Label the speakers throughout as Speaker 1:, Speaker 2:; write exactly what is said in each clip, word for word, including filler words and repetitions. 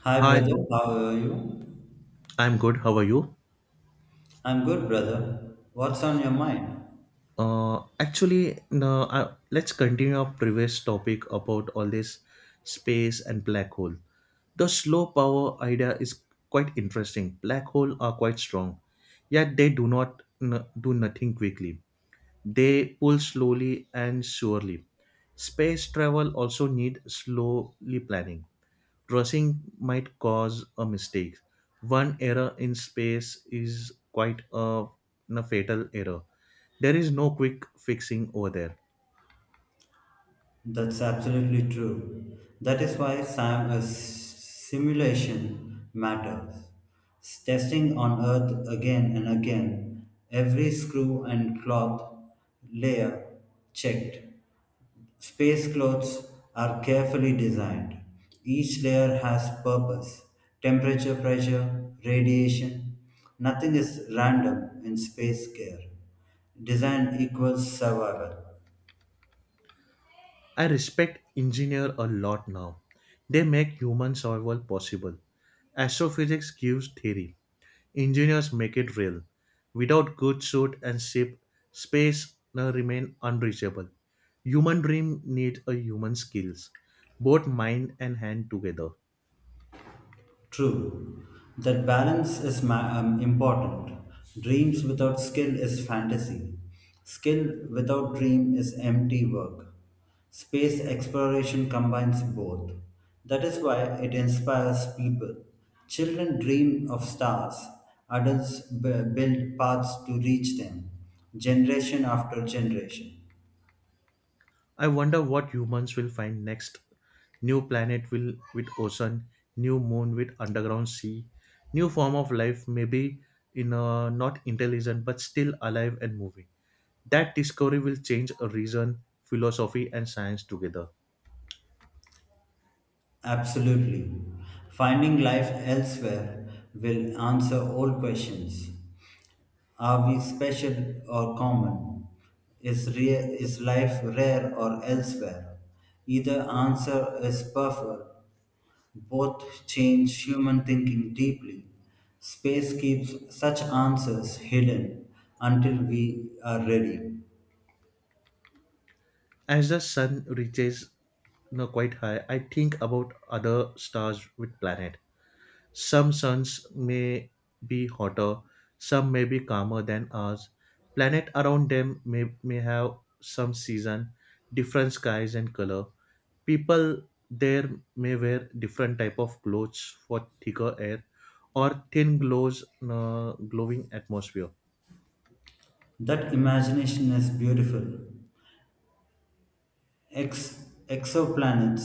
Speaker 1: Hi,
Speaker 2: Hi,
Speaker 1: brother. How are you?
Speaker 2: I'm good. How are you?
Speaker 1: I'm good, brother. What's on your mind?
Speaker 2: Uh, actually, no, I, let's continue our previous topic about all this space and black hole. The slow power idea is quite interesting. Black hole are quite strong, yet they do not n- do nothing quickly. They pull slowly and surely. Space travel also need slowly planning. Trussing might cause a mistake. One error in space is quite a, a fatal error. There is no quick fixing over there.
Speaker 1: That's absolutely true. That is why Sam is simulation matters. Testing on Earth again and again, every screw and cloth layer checked, space clothes are carefully designed. Each layer has purpose, temperature, pressure, radiation. Nothing is random in space care. Design equals survival.
Speaker 2: I respect engineer a lot now. They make human survival possible. Astrophysics gives theory. Engineers make it real. Without good suit and ship, space now remain unreachable. Human dream needs a human skills, both mind and hand together.
Speaker 1: True, that balance is ma- um, important. Dreams without skill is fantasy. Skill without dream is empty work. Space exploration combines both. That is why it inspires people. Children dream of stars, adults b- build paths to reach them, generation after generation.
Speaker 2: I wonder what humans will find next. New planet will with ocean, new moon with underground sea, new form of life maybe in a not intelligent but still alive and moving. That discovery will change a reason, philosophy and science together.
Speaker 1: Absolutely. Finding life elsewhere will answer all questions. Are we special or common? Is, rare, is life rare or elsewhere? Either answer is perfect. Both change human thinking deeply. Space keeps such answers hidden until we are ready.
Speaker 2: As the sun reaches you know, quite high, I think about other stars with planet. Some suns may be hotter, some may be calmer than ours. Planet around them may, may have some season, different skies and color. People there may wear different type of clothes for thicker air or thin glows uh, glowing atmosphere.
Speaker 1: That imagination is beautiful. Ex- exoplanets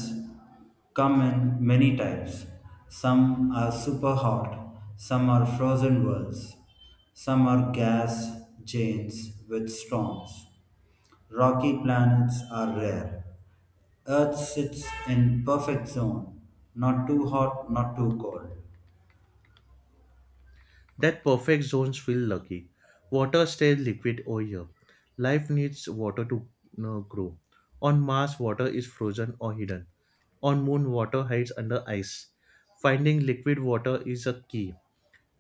Speaker 1: come in many types. Some are super hot, some are frozen worlds, some are gas giants with storms. Rocky planets are rare. Earth sits in perfect zone, not too hot, not too cold.
Speaker 2: That perfect zones feel lucky. Water stays liquid all year. Life needs water to uh, grow. On Mars, water is frozen or hidden. On Moon, water hides under ice. Finding liquid water is a key.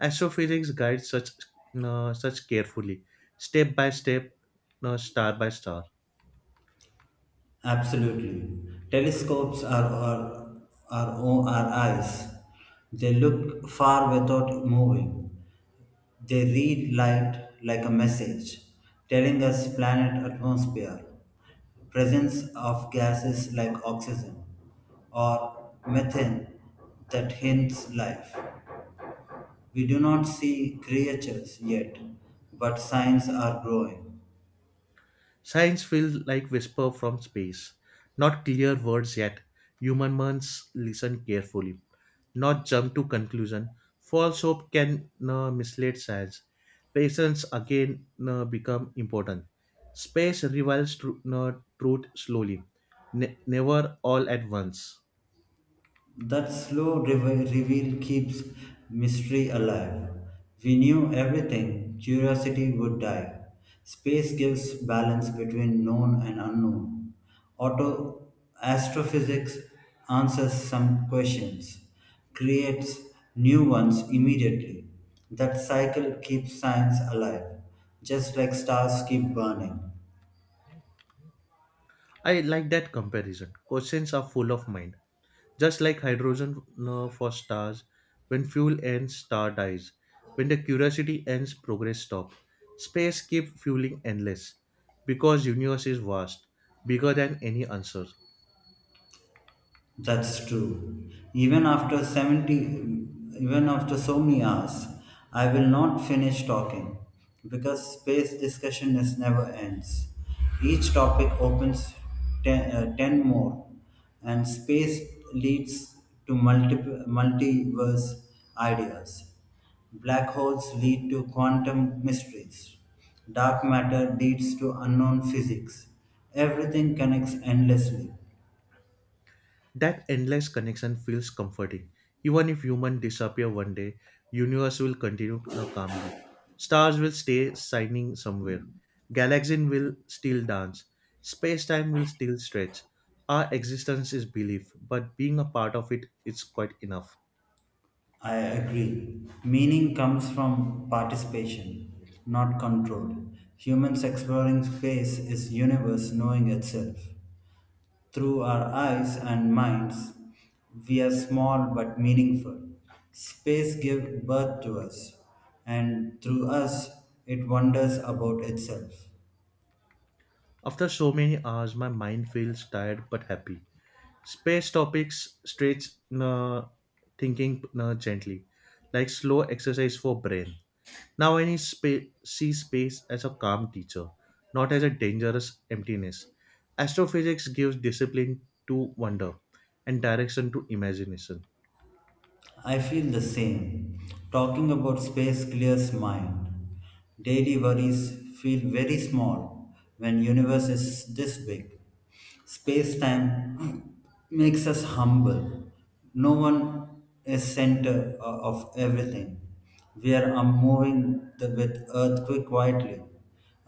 Speaker 2: Astrophysics guides such uh, such carefully, step by step, uh, star by star.
Speaker 1: Absolutely. Telescopes are our, our, o- our eyes. They look far without moving. They read light like a message, telling us planet atmosphere, presence of gases like oxygen or methane that hints life. We do not see creatures yet, but signs are growing.
Speaker 2: Science feels like whisper from space. Not clear words yet. Human minds listen carefully, not jump to conclusion. False hope can uh, mislead science. Patience again uh, become important. Space reveals tru- uh, truth slowly, ne- never all at once.
Speaker 1: That slow reve- reveal keeps mystery alive. We knew everything, curiosity would die. Space gives balance between known and unknown. Auto astrophysics answers some questions, creates new ones immediately. That cycle keeps science alive, just like stars keep burning.
Speaker 2: I like that comparison. Questions are full of mind. Just like hydrogen uh, for stars, when fuel ends, star dies. When the curiosity ends, progress stops. Space keeps fueling endless because universe is vast, bigger than any answer.
Speaker 1: That's true. Even after seventy, even after so many hours, I will not finish talking because space discussion is never ends. Each topic opens ten, uh, ten more, and space leads to multiple, multiverse ideas. Black holes lead to quantum mysteries. Dark matter leads to unknown physics. Everything connects endlessly.
Speaker 2: That endless connection feels comforting. Even if humans disappear one day, universe will continue now calmly. Stars will stay shining somewhere. Galaxies will still dance. Space-time will still stretch. Our existence is belief, but being a part of it is quite enough.
Speaker 1: I agree. Meaning comes from participation, not control. Humans exploring space is universe knowing itself. Through our eyes and minds, we are small but meaningful. Space gives birth to us, and through us, it wonders about itself.
Speaker 2: After so many hours, my mind feels tired but happy. Space topics stretch uh, thinking uh, gently, like slow exercise for brain. Now I spa- see space as a calm teacher, not as a dangerous emptiness. Astrophysics gives discipline to wonder and direction to imagination.
Speaker 1: I feel the same. Talking about space clears mind. Daily worries feel very small when universe is this big. Space time makes us humble. No one is center o- of everything. We are um, moving the, with earthquake quietly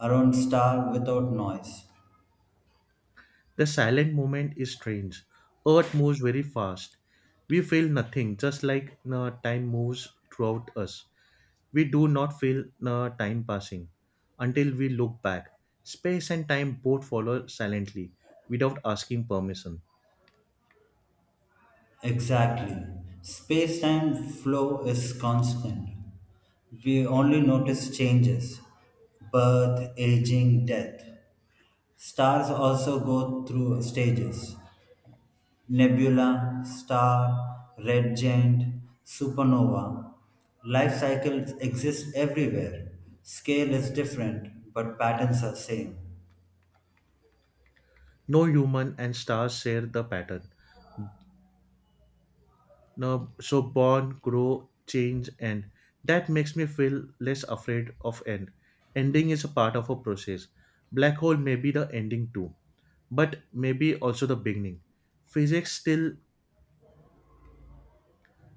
Speaker 1: around star without noise.
Speaker 2: The silent moment is strange. Earth moves very fast. We feel nothing, just like uh, time moves throughout us. We do not feel uh, time passing until we look back. Space and time both follow silently, without asking permission.
Speaker 1: Exactly. Space time flow is constant. We only notice changes birth, aging, death. Stars also go through stages nebula, star, red giant, supernova. Life cycles exist everywhere. Scale is different, but patterns are same.
Speaker 2: No human and stars share the pattern now, so born, grow, change, end. That makes me feel less afraid of end. Ending is a part of a process. Black hole may be the ending too, but maybe also the beginning. Physics still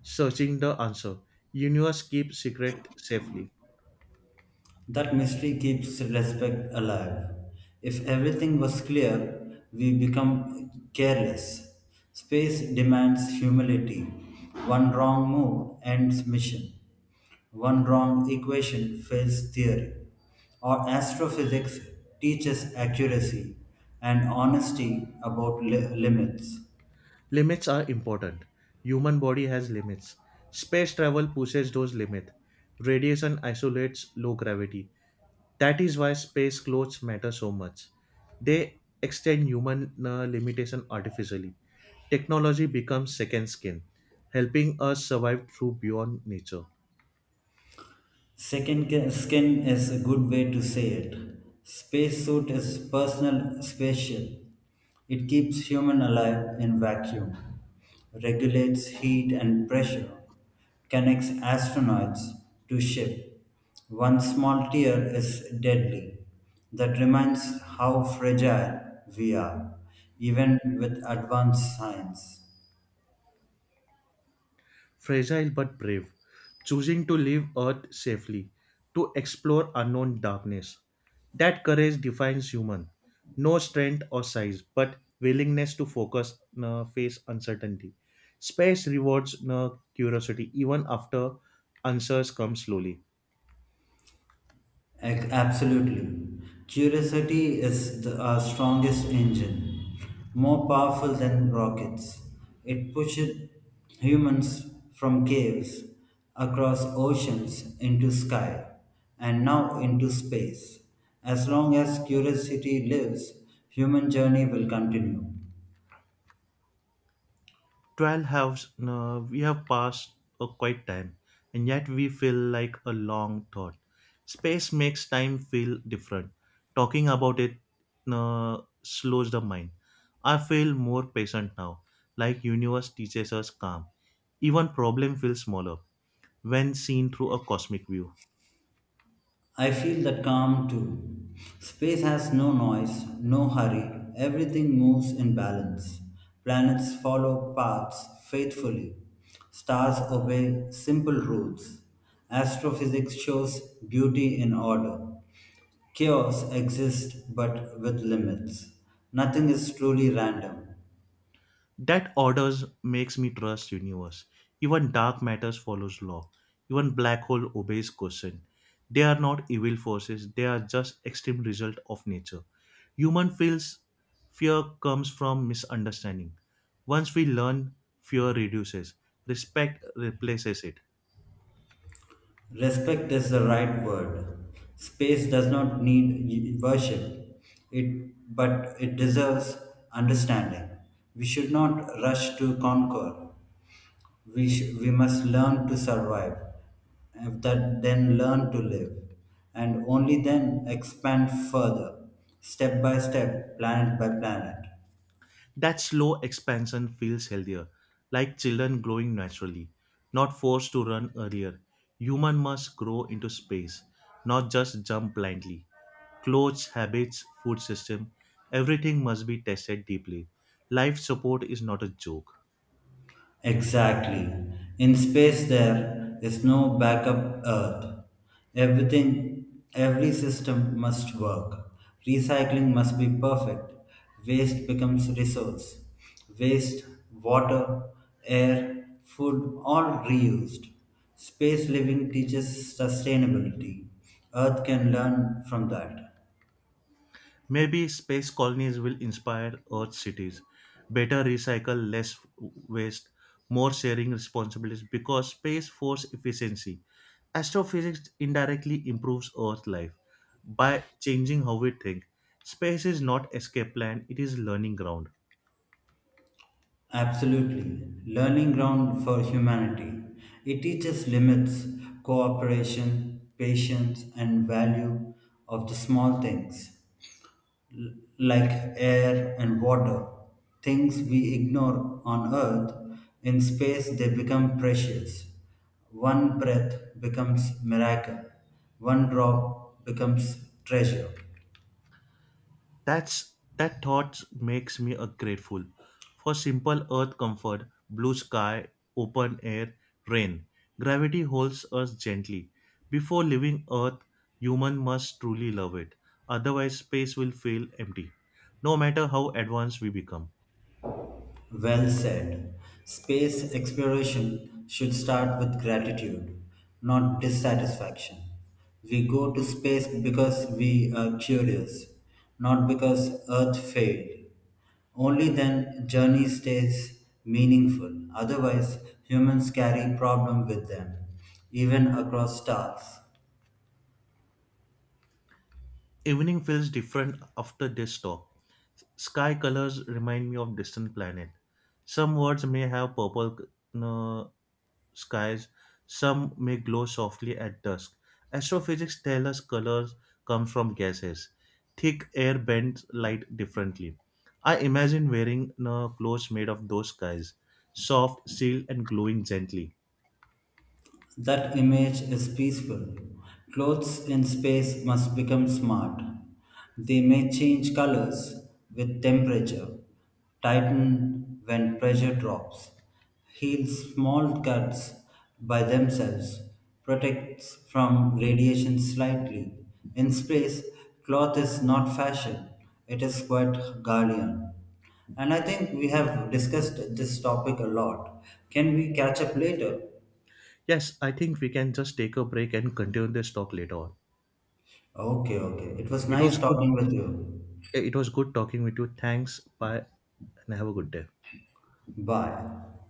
Speaker 2: searching the answer. Universe keep secret safely.
Speaker 1: That mystery keeps respect alive. If everything was clear, we become careless. Space demands humility. One wrong move ends mission. One wrong equation fails theory. Or astrophysics teaches accuracy and honesty about li- limits.
Speaker 2: Limits are important. Human body has limits. Space travel pushes those limits. Radiation isolates low gravity. That is why space clothes matter so much. They extend human uh, limitation artificially. Technology becomes second skin, helping us survive through beyond nature.
Speaker 1: Second ca- skin is a good way to say it. Spacesuit is personal spaceship. It keeps human alive in vacuum, regulates heat and pressure, connects astronauts to ship. One small tear is deadly. That reminds how fragile we are, even with advanced science.
Speaker 2: Fragile but brave, choosing to leave Earth safely, to explore unknown darkness. That courage defines human. No strength or size, but willingness to focus, uh, face uncertainty. Space rewards uh, curiosity even after answers come slowly.
Speaker 1: Ac- Absolutely. Curiosity is the our strongest engine, more powerful than rockets. It pushes humans from caves, across oceans, into sky, and now into space. As long as curiosity lives, human journey will continue.
Speaker 2: twelve halves, uh, we have passed a quiet time, and yet we feel like a long thought. Space makes time feel different. Talking about it uh, slows the mind. I feel more patient now, like universe teaches us calm. Even problem feels smaller when seen through a cosmic view.
Speaker 1: I feel the calm too. Space has no noise, no hurry, everything moves in balance. Planets follow paths faithfully. Stars obey simple rules. Astrophysics shows beauty in order. Chaos exists but with limits. Nothing is truly random.
Speaker 2: That orders makes me trust universe. Even dark matters follows law. Even black hole obeys caution. They are not evil forces, they are just extreme result of nature. Human feels fear comes from misunderstanding. Once we learn, fear reduces. Respect replaces it.
Speaker 1: Respect is the right word. Space does not need worship, it, but it deserves understanding. We should not rush to conquer. We, sh- we must learn to survive, and that, then learn to live, and only then expand further, step by step, planet by planet.
Speaker 2: That slow expansion feels healthier, like children growing naturally, not forced to run earlier. Human must grow into space, not just jump blindly. Clothes, habits, food system, everything must be tested deeply. Life support is not a joke.
Speaker 1: Exactly. In space, there is no backup Earth. Everything, every system must work. Recycling must be perfect. Waste becomes resource. Waste, water, air, food, all reused. Space living teaches sustainability. Earth can learn from that.
Speaker 2: Maybe space colonies will inspire Earth cities. Better recycle, less waste, more sharing responsibilities because space force efficiency. Astrophysics indirectly improves Earth life by changing how we think. Space is not escape plan, it is learning ground.
Speaker 1: Absolutely. Learning ground for humanity. It teaches limits, cooperation, patience, and value of the small things like air and water. Things we ignore on earth, in space they become precious. One breath becomes miracle. One drop becomes treasure.
Speaker 2: That's that thought makes me a grateful for simple earth comfort, blue sky, open air, rain. Gravity holds us gently. Before leaving earth, human must truly love it. Otherwise space will feel empty, no matter how advanced we become.
Speaker 1: Well said. Space exploration should start with gratitude, not dissatisfaction. We go to space because we are curious, not because Earth failed. Only then journey stays meaningful. Otherwise, humans carry problem with them, even across stars.
Speaker 2: Evening feels different after this talk. Sky colors remind me of distant planet. Some words may have purple uh, skies, some may glow softly at dusk. Astrophysics tell us colors come from gases. Thick air bends light differently. I imagine wearing uh, clothes made of those skies, soft, sealed, and glowing gently.
Speaker 1: That image is peaceful. Clothes in space must become smart. They may change colors with temperature, tighten when pressure drops, heal small cuts by themselves, protects from radiation slightly. In space, cloth is not fashion, it is quite guardian. And I think we have discussed this topic a lot. Can we catch up later?
Speaker 2: Yes, I think we can just take a break and continue this talk later on.
Speaker 1: Okay, okay. It was
Speaker 2: It
Speaker 1: nice
Speaker 2: was good
Speaker 1: talking with you.
Speaker 2: It was good talking with you. Thanks. Bye. And have a good day.
Speaker 1: Bye.